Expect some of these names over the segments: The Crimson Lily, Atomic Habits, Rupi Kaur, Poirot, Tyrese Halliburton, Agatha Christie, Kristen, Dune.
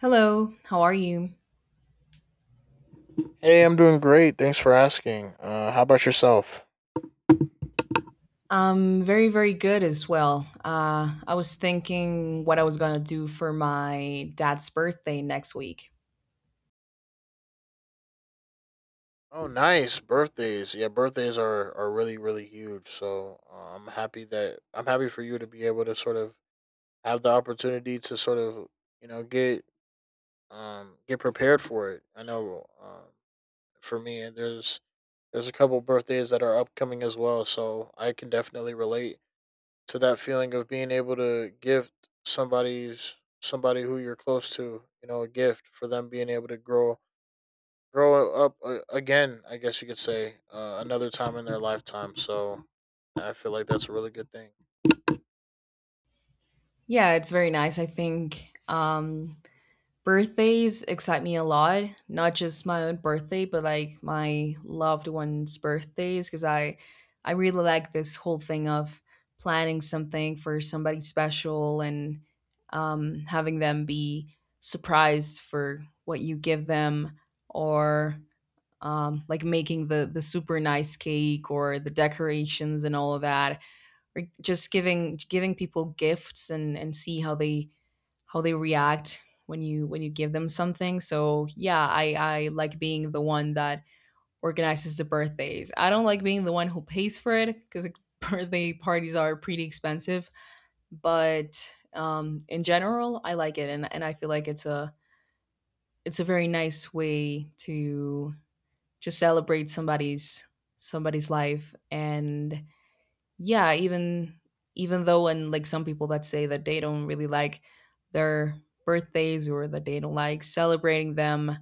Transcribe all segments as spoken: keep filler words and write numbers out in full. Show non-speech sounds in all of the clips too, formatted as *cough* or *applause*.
Hello, how are you? Hey, I'm doing great. Thanks for asking. Uh, how about yourself? I'm very, very good as well. Uh, I was thinking what I was gonna do for my dad's birthday next week. Oh, nice birthdays. Yeah, birthdays are are really really huge. So uh, I'm happy that I'm happy for you to be able to sort of have the opportunity to sort of you know get um get prepared for it. I know um, for me, and there's there's a couple birthdays that are upcoming as well. So I can definitely relate to that feeling of being able to gift somebody's somebody who you're close to, you know, a gift for them being able to grow grow up uh, again. I guess you could say uh, another time in their lifetime. So I feel like that's a really good thing. Yeah, it's very nice. I think um, Birthdays excite me a lot, not just my own birthday, but like my loved ones' birthdays, because I I really like this whole thing of planning something for somebody special and um, having them be surprised for what you give them, or um, like making the the super nice cake or the decorations and all of that, or just giving giving people gifts and and see how they how they react when you when you give them something. So yeah, I I like being the one that organizes the birthdays. I don't like being the one who pays for it because *laughs* birthday parties are pretty expensive. But um, in general, I like it, and and I feel like it's a it's a very nice way to just celebrate somebody's somebody's life and yeah even even though and like some people that say that they don't really like their birthdays or that they don't like celebrating them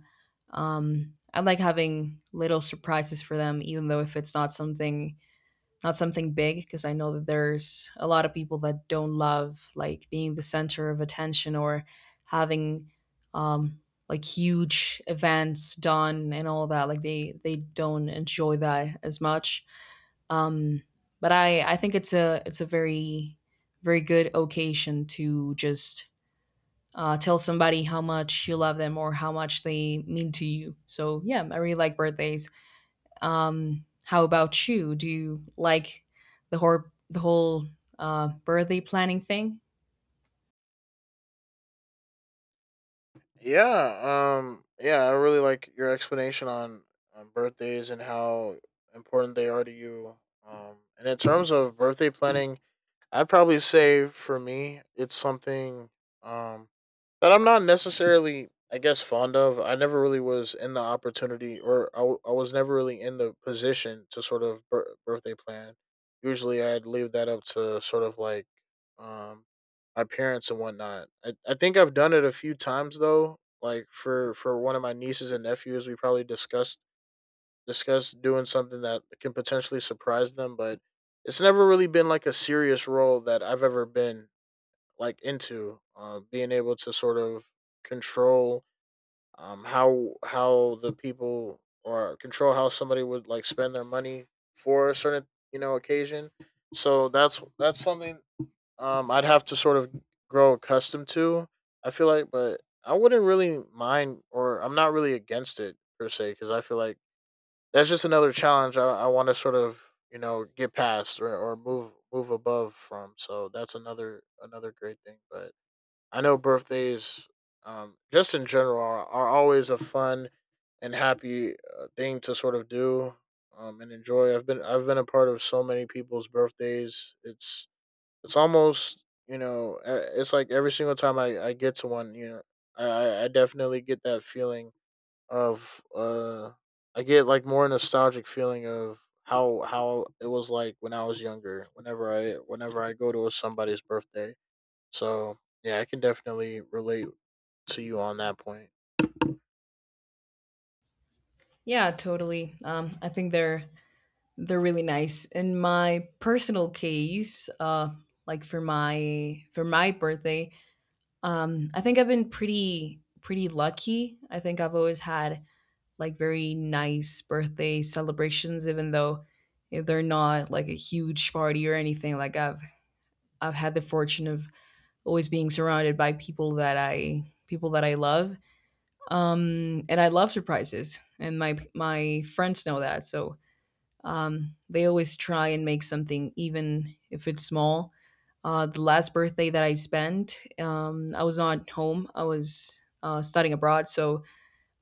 um I like having little surprises for them even though if it's not something not something big because I know that there's a lot of people that don't love like being the center of attention or having um like huge events done and all that like they they don't enjoy that as much um, but I I think it's a it's a very very good occasion to just uh, tell somebody how much you love them or how much they mean to you. So yeah, I really like birthdays. Um, how about you? Do you like the whole the whole uh, birthday planning thing? Yeah. Um. Yeah. I really like your explanation on on birthdays and how important they are to you. Um. And in terms of birthday planning, I'd probably say for me, it's something um, that I'm not necessarily, I guess, fond of. I never really was in the opportunity, or I, w- I was never really in the position to sort of bir- birthday plan. Usually, I'd leave that up to sort of like um, my parents and whatnot. I, I think I've done it a few times though. Like for for one of my nieces and nephews, we probably discussed discuss doing something that can potentially surprise them, but it's never really been like a serious role that I've ever been like into. Uh, being able to sort of control um, how how the people or control how somebody would like spend their money for a certain you know occasion. So that's that's something um, I'd have to sort of grow accustomed to. I feel like, but I wouldn't really mind, or I'm not really against it per se, because I feel like that's just another challenge I, I want to sort of you know get past or, or move move above from. So that's another another great thing. But I know birthdays, um, just in general, are, are always a fun and happy uh, thing to sort of do um, and enjoy. I've been I've been a part of so many people's birthdays. It's it's almost you know uh, it's like every single time I, I get to one, you know, I I definitely get that feeling of uh I get like more nostalgic feeling of how how it was like when I was younger whenever I whenever I go to somebody's birthday. So, yeah, I can definitely relate to you on that point. Yeah, totally. Um, I think they're they're really nice. In my personal case, uh, like for my for my birthday. Um, I think I've been pretty pretty lucky. I think I've always had like very nice birthday celebrations, even though you they're not like a huge party or anything. Like I've I've had the fortune of always being surrounded by people that I people that I love, um, and I love surprises, and my my friends know that. So um, they always try and make something, even if it's small. Uh, the last birthday that I spent, um, I was not home. I was uh, studying abroad, so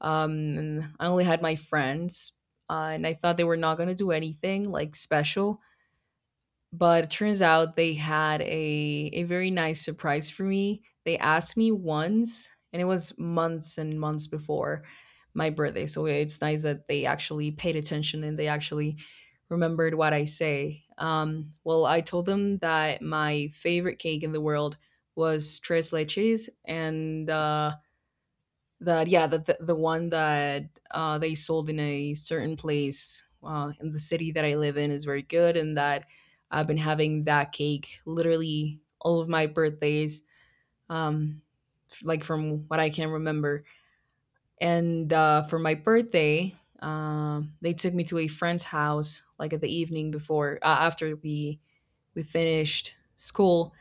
um, I only had my friends, uh, and I thought they were not gonna do anything like special, but it turns out they had a a very nice surprise for me. They asked me once, and it was months and months before my birthday. So it's nice that they actually paid attention and they actually remembered what I say. Um, well, I told them that my favorite cake in the world was tres leches, and uh, that yeah that the, the one that uh, they sold in a certain place uh, in the city that I live in is very good and that I've been having that cake literally all of my birthdays, um, f- like from what I can remember. And uh, for my birthday um, they took me to a friend's house like at the evening before uh, after we we finished school,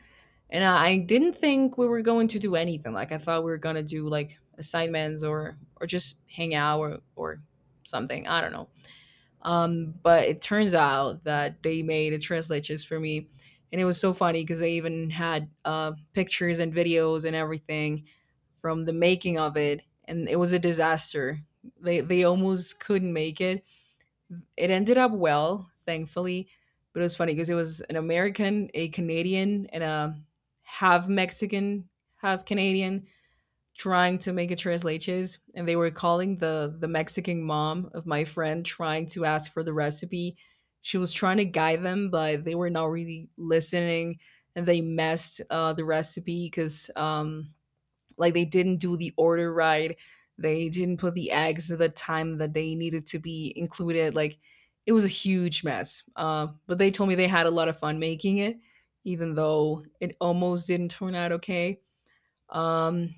and I didn't think we were going to do anything. Like I thought we were gonna do like assignments or or just hang out or or something. I don't know. Um, but it turns out that they made a translators for me, and it was so funny because they even had uh, pictures and videos and everything from the making of it, and it was a disaster. They they almost couldn't make it It ended up well, thankfully, but it was funny because it was an American, a Canadian, and a half Mexican, half Canadian trying to make a tres leches, and they were calling the the Mexican mom of my friend trying to ask for the recipe. She was trying to guide them, but they were not really listening, and they messed uh, the recipe because um, like they didn't do the order right. They didn't put the eggs at the time that they needed to be included. Like it was a huge mess. Uh, but they told me they had a lot of fun making it, even though it almost didn't turn out okay. Um,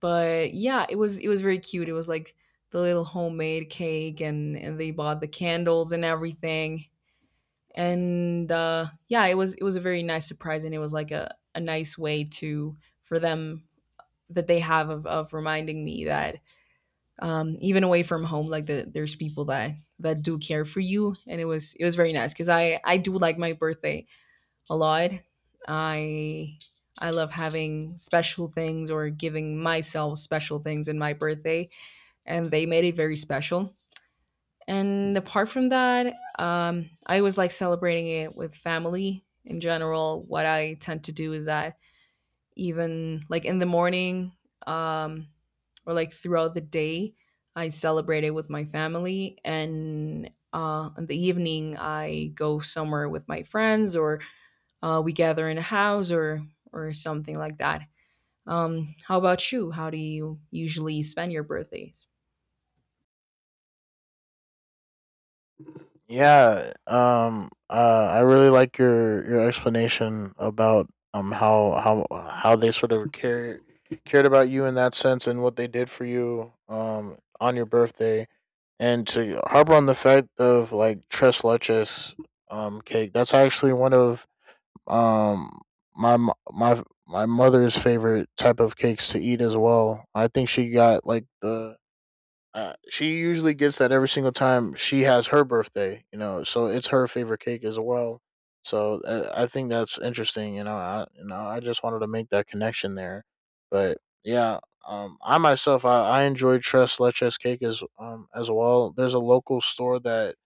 but yeah, it was it was very cute. It was like the little homemade cake, and and they bought the candles and everything. And uh, yeah, it was it was a very nice surprise, and it was like a a nice way to for them that they have of, of reminding me that um, even away from home, like the, there's people that that do care for you, and it was it was very nice because I I do like my birthday a lot. I I love having special things or giving myself special things in my birthday, and they made it very special. And apart from that, um, I always like celebrating it with family in general. What I tend to do is that even like in the morning, um, or like throughout the day, I celebrate it with my family. And uh, in the evening, I go somewhere with my friends or uh, we gather in a house or, or something like that. Um, how about you? How do you usually spend your birthdays? Yeah, um uh I really like your your explanation about um how how how they sort of cared cared about you in that sense and what they did for you um on your birthday. And to harp on the fact of like tres leches um cake, that's actually one of um my mo- my my mother's favorite type of cakes to eat as well. I think she got like the uh, she usually gets that every single time she has her birthday, you know. So it's her favorite cake as well. So uh, I think that's interesting, you know. I, you know, I just wanted to make that connection there, but yeah, um, I myself I, I enjoy Tres Leches cake as um as well. There's a local store that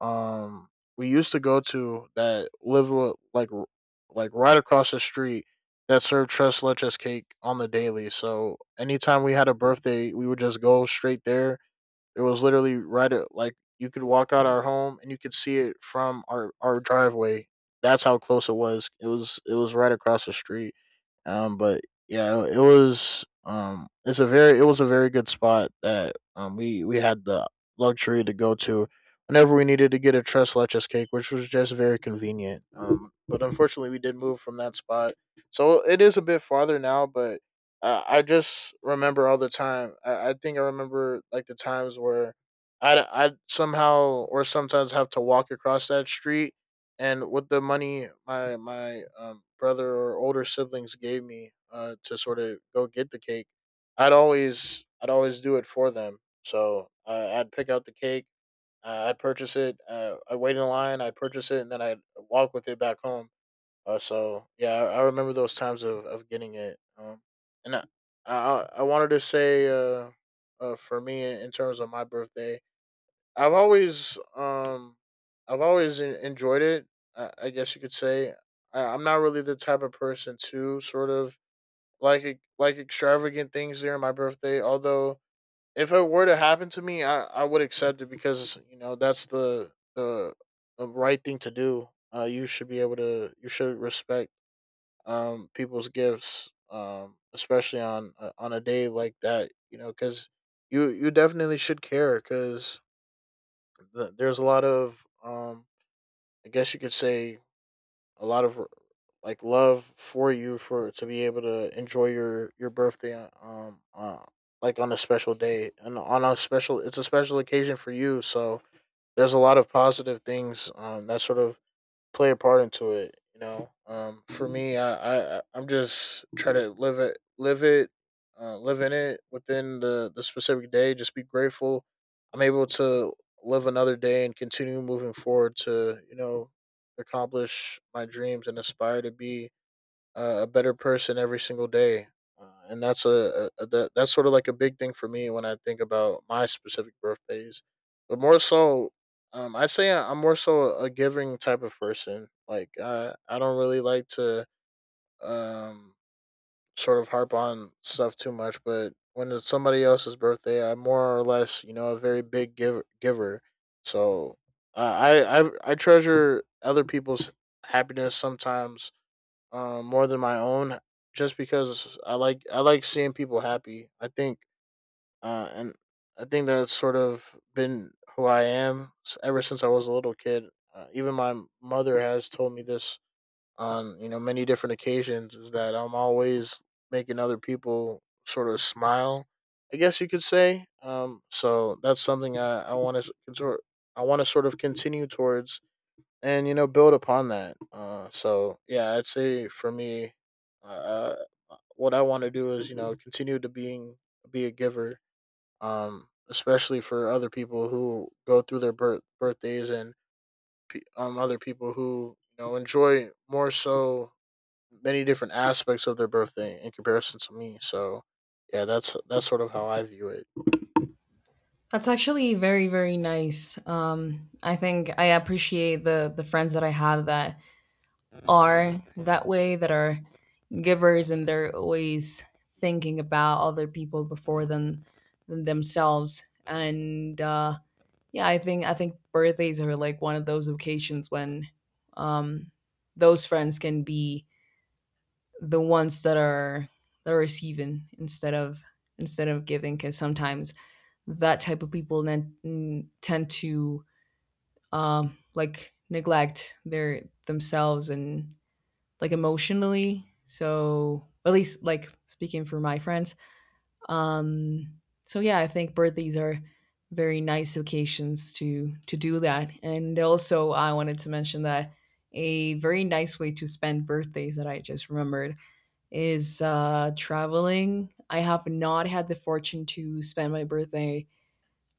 um we used to go to that lived with, like r- like right across the street that served Tres Leches cake on the daily. So anytime we had a birthday, we would just go straight there. It was literally right at like you could walk out our home and you could see it from our our driveway. That's how close it was. It was it was right across the street. Um, but yeah, it was um, it's a very it was a very good spot that um we we had the luxury to go to whenever we needed to get a tres leches cake, which was just very convenient. Um, but unfortunately, we did move from that spot, so it is a bit farther now, but uh, I just remember all the time. I, I think I remember like the times where I I somehow or sometimes have to walk across that street, and with the money my my um, brother or older siblings gave me uh, to sort of go get the cake, I'd always I'd always do it for them. So uh, I'd pick out the cake, uh, I'd purchase it, uh, I'd wait in line, I'd purchase it, and then I'd walk with it back home. Uh, so yeah, I, I remember those times of, of getting it. Um, and I, I I wanted to say uh, uh for me in terms of my birthday, I've always um I've always en- enjoyed it. I, I guess you could say I, I'm not really the type of person to sort of like e- like extravagant things during my birthday. Although if it were to happen to me, I, I would accept it because you know that's the the, the right thing to do. Uh, you should be able to. You should respect um, people's gifts, um, especially on uh, on a day like that. You know, because you you definitely should care because the, there's a lot of um, I guess you could say a lot of like love for you for to be able to enjoy your your birthday uh, um uh, like on a special day and on a special it's a special occasion for you. So there's a lot of positive things um that sort of play a part into it. You know, um, for me, I, I I'm just trying to live it, live it, uh, live in it within the the specific day. Just be grateful. I'm able to live another day and continue moving forward to you know accomplish my dreams and aspire to be uh, a better person every single day. Uh, and that's a, a, a that, that's sort of like a big thing for me when I think about my specific birthdays. But more so, um, I say I- I'm more so a giving type of person. Like I I don't really like to um sort of harp on stuff too much, but when it's somebody else's birthday, I'm more or less you know a very big giver giver. So uh, I I I treasure other people's happiness sometimes um, more than my own, just because I like I like seeing people happy. I think, uh, and I think that's sort of been who I am s- ever since I was a little kid. Uh, even my mother has told me this on you know many different occasions is that I'm always making other people sort of smile. I guess you could say. Um, so that's something I I want to sort I want to sort of continue towards and you know build upon that. Uh, so yeah, I'd say for me, uh, uh, what I want to do is you know continue to being be a giver, um, especially for other people who go through their birth birthdays and pe- um other people who you know enjoy more so many different aspects of their birthday in comparison to me. So yeah, that's that's sort of how I view it. That's actually very, very nice. Um, I think I appreciate the the friends that I have that are that way, that are givers and they're always thinking about other people before than than themselves and uh yeah i think I think birthdays are like one of those occasions when um those friends can be the ones that are that are receiving instead of instead of giving because sometimes that type of people then mm, tend to um like neglect their themselves and like emotionally. So at least like speaking for my friends. Um, so yeah, I think birthdays are very nice occasions to to do that. And also, I wanted to mention that a very nice way to spend birthdays that I just remembered is uh, traveling. I have not had the fortune to spend my birthday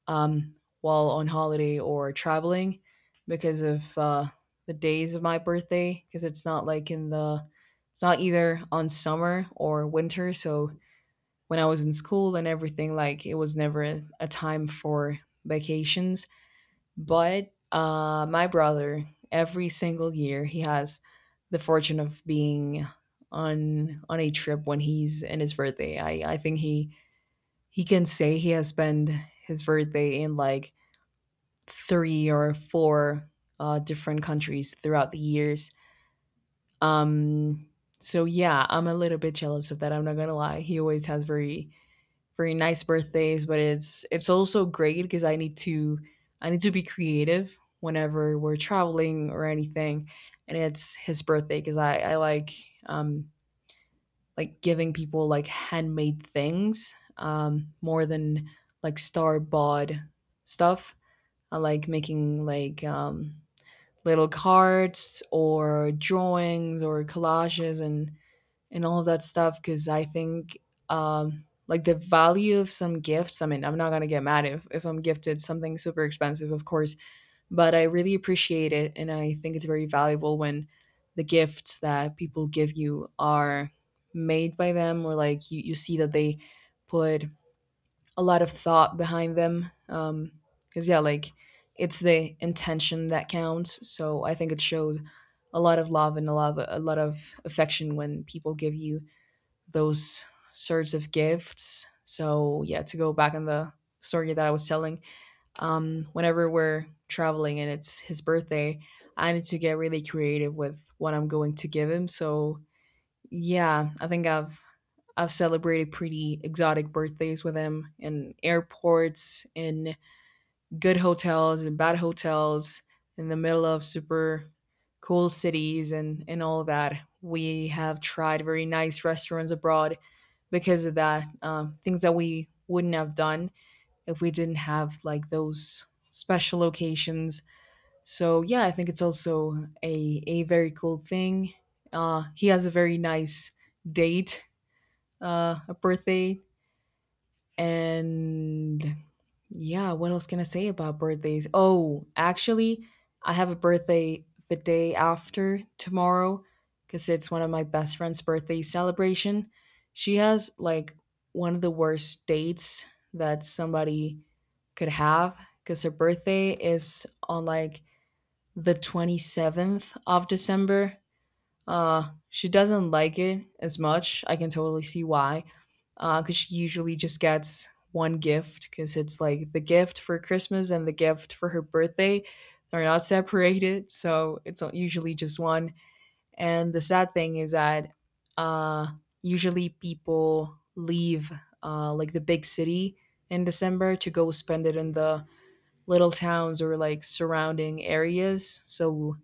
um, while on holiday or traveling because of uh, the days of my birthday because it's not like in the it's not either on summer or winter, so when I was in school and everything like it was never a time for vacations. But uh, my brother, every single year he has the fortune of being on on a trip when he's in his birthday. I i think he he can say he has spent his birthday in like three or four uh, different countries throughout the years. Um, so yeah, I'm a little bit jealous of that. I'm not gonna lie. He always has very very nice birthdays, but it's it's also great because I need to I need to be creative whenever we're traveling or anything. And it's his birthday because I I like um like giving people like handmade things um more than like star bought stuff. I like making like um little cards or drawings or collages and and all that stuff because I think um, like the value of some gifts. I mean, I'm not gonna get mad if if I'm gifted something super expensive, of course, but I really appreciate it and I think it's very valuable when the gifts that people give you are made by them or like you, you see that they put a lot of thought behind them. Um, because yeah, like it's the intention that counts. So I think it shows a lot of love and a lot of, a lot of affection when people give you those sorts of gifts. So yeah, to go back on the story that I was telling, um, whenever we're traveling and it's his birthday, I need to get really creative with what I'm going to give him. So yeah, I think I've I've celebrated pretty exotic birthdays with him in airports, in good hotels, in bad hotels, in the middle of super cool cities and and all that. We have tried very nice restaurants abroad because of that. Um, things that we wouldn't have done if we didn't have like those special locations. So yeah, I think it's also a a very cool thing. Uh, he has a very nice date, uh, a birthday. And yeah, what else can I say about birthdays? Oh, actually, I have a birthday the day after tomorrow because it's one of my best friend's birthday celebration. She has like one of the worst dates that somebody could have because her birthday is on like the twenty-seventh of December. Uh she doesn't like it as much, I can totally see why, uh, because she usually just gets one gift because it's like the gift for Christmas and the gift for her birthday are not separated, so it's usually just one. And the sad thing is that uh, usually people leave, uh, like the big city in December, to go spend it in the little towns or like surrounding areas. So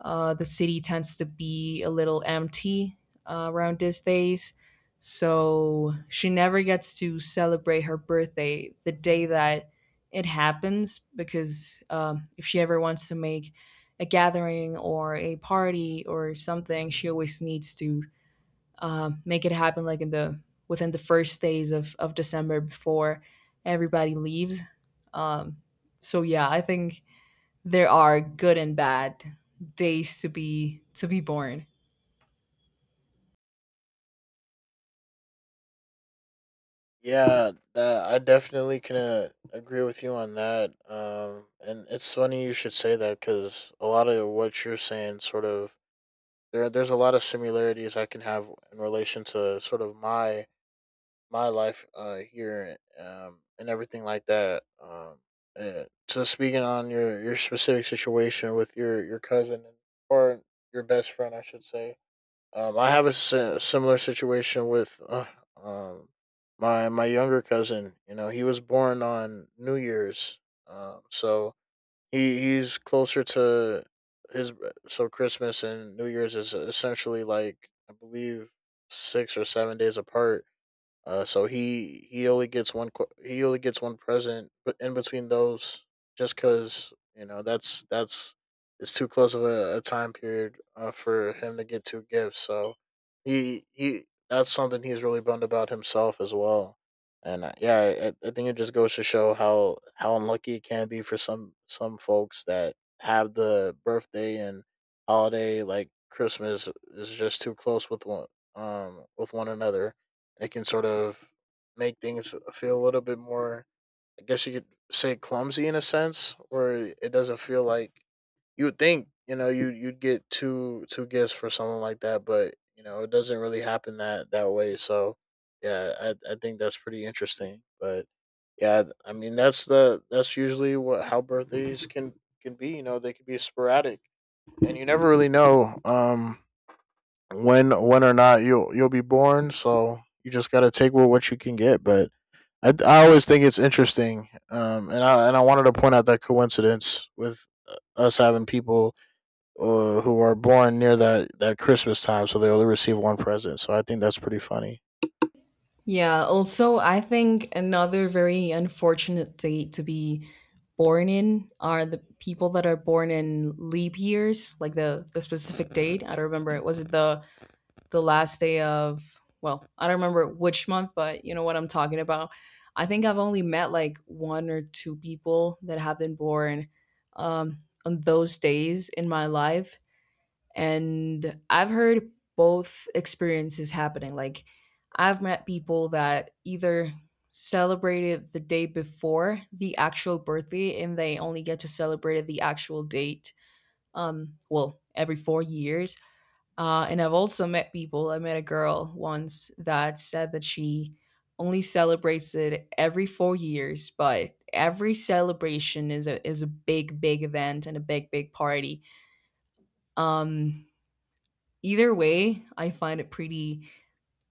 uh, the city tends to be a little empty uh, around these days. So she never gets to celebrate her birthday the day that it happens because um, if she ever wants to make a gathering or a party or something, she always needs to, um, make it happen like in the within the first days of, of December before everybody leaves. Um, so yeah, I think there are good and bad days to be to be born. Yeah, that I definitely can uh, agree with you on that. Um, and it's funny you should say that because a lot of what you're saying, sort of, there there's a lot of similarities I can have in relation to sort of my my life uh, here, um, and everything like that. Um, uh, so speaking on your your specific situation with your your cousin or your best friend, I should say, um, I have a si- similar situation with uh, um my my younger cousin. You know, he was born on New Year's, um, so he he's closer to his. So Christmas and New Year's is essentially like I believe six or seven days apart. Uh, so he he only gets one qu- he only gets one present, but in between those, just because you know that's that's it's too close of a, a time period uh, for him to get two gifts. So he he that's something he's really bummed about himself as well. And uh, yeah, I, I think it just goes to show how how unlucky it can be for some some folks that have the birthday and holiday like Christmas is just too close with one um with one another. It can sort of make things feel a little bit more, I guess you could say, clumsy in a sense, where it doesn't feel like you would think. You know, you you'd get two two gifts for someone like that, but you know, it doesn't really happen that that way. So, yeah, I I think that's pretty interesting. But yeah, I mean, that's the that's usually what how birthdays can can be. You know, they can be sporadic, and you never really know. Um, when when or not you'll you'll be born. So you just gotta take what what you can get. But I I always think it's interesting. Um, and I and I wanted to point out that coincidence with uh, us having people uh, who are born near that, that Christmas time, so they only receive one present. So I think that's pretty funny. Yeah, also, I think another very unfortunate date to be born in are the people that are born in leap years, like the the specific date. I don't remember. Was it the the last day of? Well, I don't remember which month, but you know what I'm talking about. I think I've only met like one or two people that have been born, um, on those days in my life. And I've heard both experiences happening. Like, I've met people that either celebrated the day before the actual birthday and they only get to celebrate at the actual date, um, well, every four years. Uh, and I've also met people, I met a girl once that said that she only celebrates it every four years, but every celebration is a is a big, big event and a big, big party. Um, Either way, I find it pretty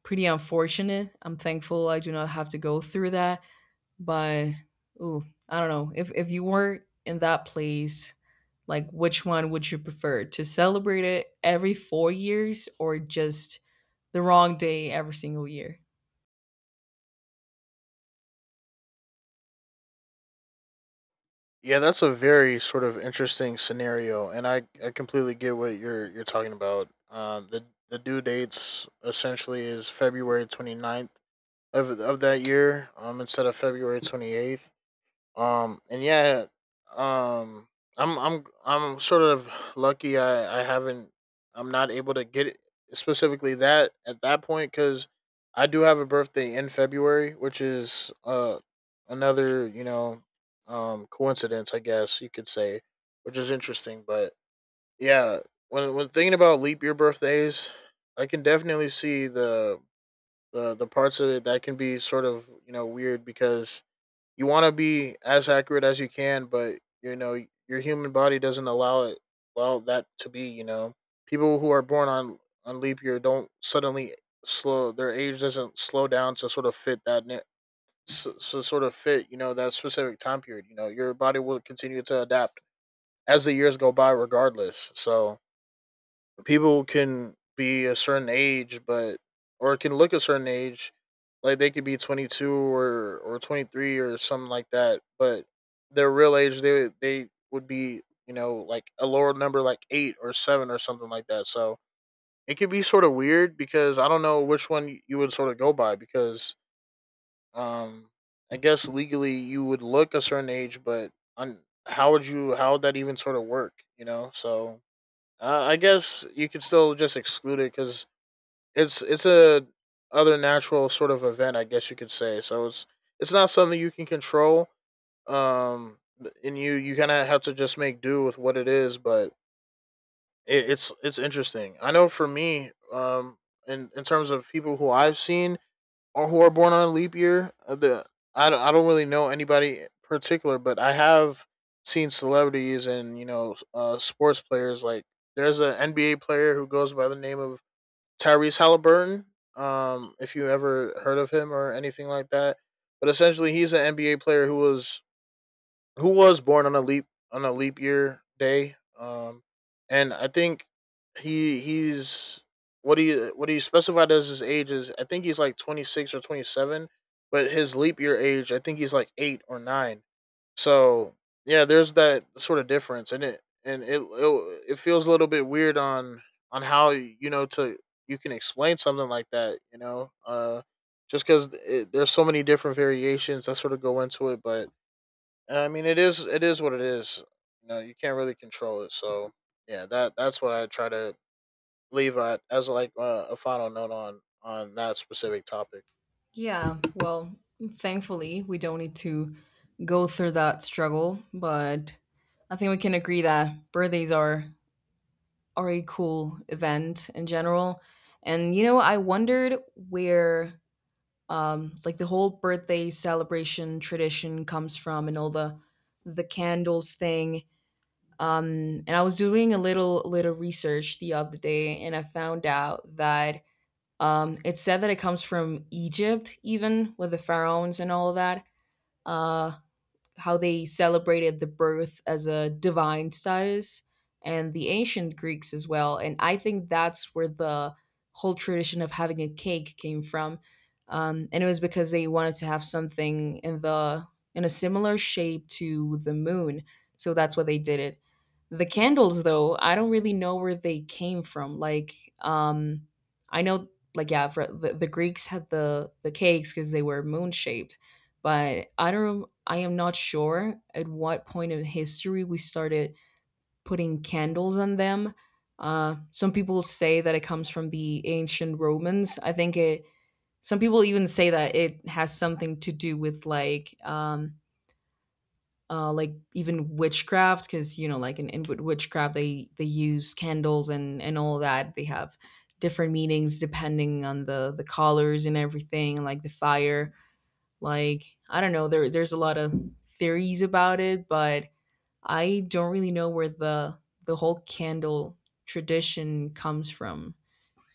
pretty unfortunate. I'm thankful I do not have to go through that. But ooh, I don't know. If if you were in that place, like which one would you prefer? To celebrate it every four years or just the wrong day every single year? Yeah, that's a very sort of interesting scenario, and I, I completely get what you're you're talking about. Um, the the due dates essentially is February 29th of of that year, um, instead of February twenty eighth. Um, and yeah, um, I'm I'm I'm sort of lucky. I I haven't. I'm not able to get it specifically that at that point because I do have a birthday in February, which is uh another you know um coincidence, I guess you could say, which is interesting. But yeah, when when thinking about leap year birthdays, I can definitely see the the the parts of it that can be sort of you know weird because you want to be as accurate as you can, but you know your human body doesn't allow it allow that to be. You know, people who are born on on leap year don't suddenly slow their age doesn't slow down to sort of fit that ne- so, so sort of fit you know that specific time period. You know, your body will continue to adapt as the years go by, regardless. So people can be a certain age, but or can look a certain age, like they could be twenty two or or twenty three or something like that, but their real age they they would be you know like a lower number like eight or seven or something like that. So it could be sort of weird because I don't know which one you would sort of go by because um I guess legally you would look a certain age, but on how would you how would that even sort of work? You know, so uh, I guess you could still just exclude it because it's it's a other natural sort of event. I guess you could say so. It's it's not something you can control. Um, and you you kind of have to just make do with what it is. But it, it's it's interesting. I know for me, um, in in terms of people who I've seen or who are born on a leap year. uh, The I don't, I don't really know anybody in particular, but I have seen celebrities and you know uh, sports players. Like there's an N B A player who goes by the name of Tyrese Halliburton. Um, if you ever heard of him or anything like that, but essentially he's an N B A player who was who was born on a leap on a leap year day. Um, and I think he he's what he what he specified as his age is. I think he's like twenty six or twenty seven, but his leap year age, I think he's like eight or nine. So yeah, there's that sort of difference, and it and it it, it feels a little bit weird on on how you know to you can explain something like that. You know, uh, just because there's so many different variations that sort of go into it, but and I mean, it is it is what it is. You know, you can't really control it. So yeah, that that's what I try to leave at as like uh, a final note on on that specific topic. Yeah, well, thankfully we don't need to go through that struggle, but I think we can agree that birthdays are are a cool event in general. And you know, I wondered where, um like, the whole birthday celebration tradition comes from, and all the the candles thing. Um and I was doing a little little research the other day, and I found out that um it's said that it comes from Egypt, even with the pharaohs and all of that. Uh how they celebrated the birth as a divine status, and the ancient Greeks as well. And I think that's where the whole tradition of having a cake came from. Um, and it was because they wanted to have something in the in a similar shape to the moon. So that's why they did it. The candles, though, I don't really know where they came from. Like, um I know, like, yeah, for the, the Greeks had the the cakes because they were moon shaped, but I don't, I am not sure at what point of history we started putting candles on them. Uh, some people say that it comes from the ancient Romans. I think it. Some people even say that it has something to do with, like, um, uh, like, even witchcraft, because you know, like, in, in wi- witchcraft, they they use candles and and all that. They have different meanings depending on the the colors and everything, like the fire, like, I don't know, there there's a lot of theories about it, but I don't really know where the the whole candle tradition comes from.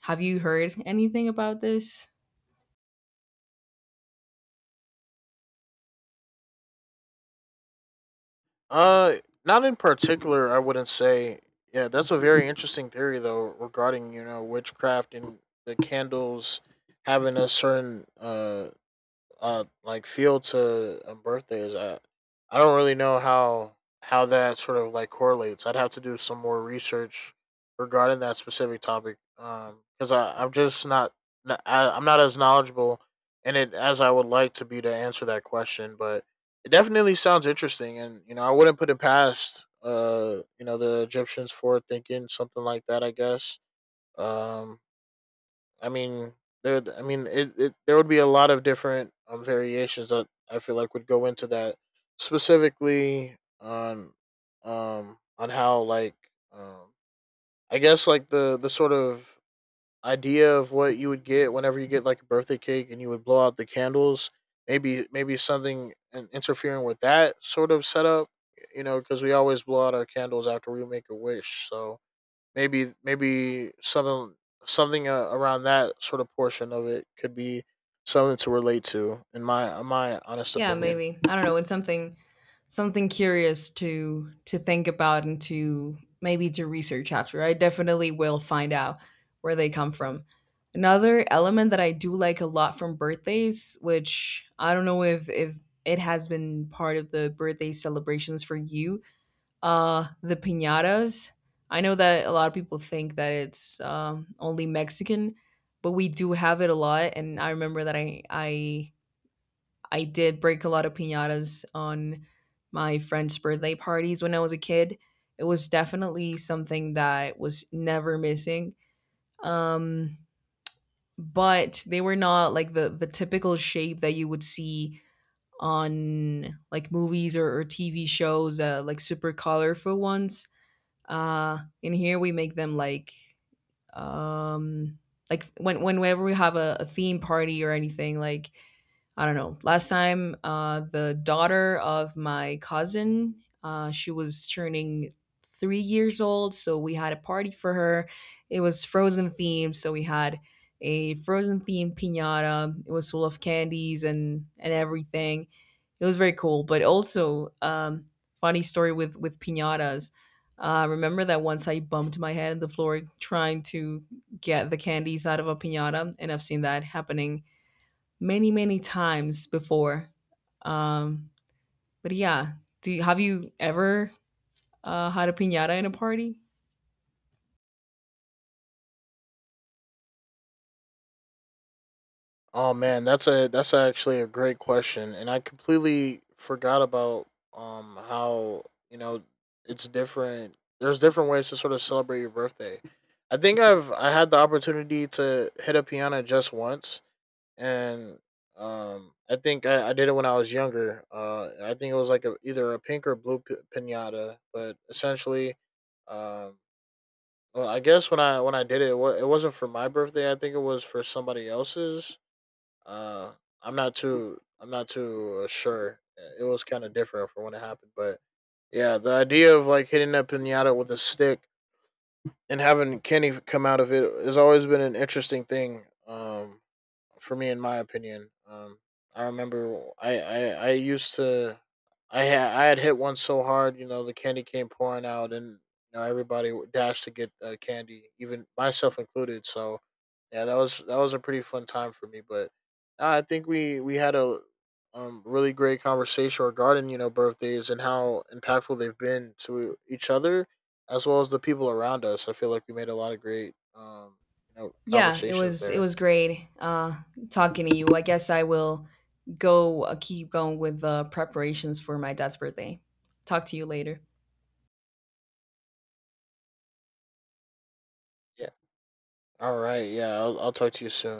Have you heard anything about this? Uh, not in particular. I wouldn't say. Yeah, that's a very interesting theory though regarding you know witchcraft and the candles having a certain uh uh like field to a birthday is at. I don't really know how how that sort of like correlates. I'd have to do some more research regarding that specific topic um because I I'm just not n- I, am not as knowledgeable in it as I would like to be to answer that question, but it definitely sounds interesting and you know I wouldn't put it past uh you know the Egyptians for thinking something like that I guess um I mean, there. I mean, it, it. There would be a lot of different um, variations that I feel like would go into that, specifically on um on how like um I guess like the the sort of idea of what you would get whenever you get like a birthday cake and you would blow out the candles. Maybe maybe something in- interfering with that sort of setup. You know, because we always blow out our candles after we make a wish, so maybe maybe something something uh, around that sort of portion of it could be something to relate to in my in my honest Yeah, opinion. maybe. I don't know, it's something something curious to to think about and to maybe to research after. I definitely will find out where they come from. Another element that I do like a lot from birthdays, which I don't know if if it has been part of the birthday celebrations for you, uh, the piñatas. I know that a lot of people think that it's um, only Mexican, but we do have it a lot, and I remember that I I I did break a lot of piñatas on my friends' birthday parties when I was a kid. It was definitely something that was never missing. Um, but they were not like the the typical shape that you would see on like movies, or, or T V shows, uh, like super colorful ones. Uh, in here we make them like, um, like when whenever we have a, a theme party or anything, like I don't know. Last time, uh, the daughter of my cousin, uh, she was turning three years old, so we had a party for her. It was Frozen themed, so we had a Frozen themed pinata. It was full of candies and and everything. It was very cool. But also, um, funny story with with pinatas. Uh, remember that once I bumped my head on the floor trying to get the candies out of a pinata, and I've seen that happening many many times before. Um, but yeah, do you, have you ever uh, had a piñata in a party? Oh man, that's a that's actually a great question, and I completely forgot about um how you know it's different. There's different ways to sort of celebrate your birthday. I think I've I had the opportunity to hit a piano just once, and um, I think I, I did it when I was younger. Uh, I think it was like a, either a pink or blue p- pinata, but essentially, um, well, I guess when I when I did it, it, wa- it wasn't for my birthday. I think it was for somebody else's. Uh, I'm not too I'm not too uh, sure. uh, It was kind of different from when it happened, but yeah, the idea of like hitting a pinata with a stick and having candy come out of it has always been an interesting thing. Um, for me in my opinion. Um, I remember I, I, I used to I had I had hit one so hard, you know, the candy came pouring out, and you know everybody w- dashed to get uh, candy, even myself included. So yeah, that was that was a pretty fun time for me. But uh, I think we we had a um, really great conversation regarding you know birthdays and how impactful they've been to each other as well as the people around us. I feel like we made a lot of great um, you know Yeah, it conversations was it there. was great, uh, talking to you. I guess I will go, uh, keep going with the preparations for my dad's birthday. Talk to you later. Yeah. All right. Yeah. I'll, I'll talk to you soon.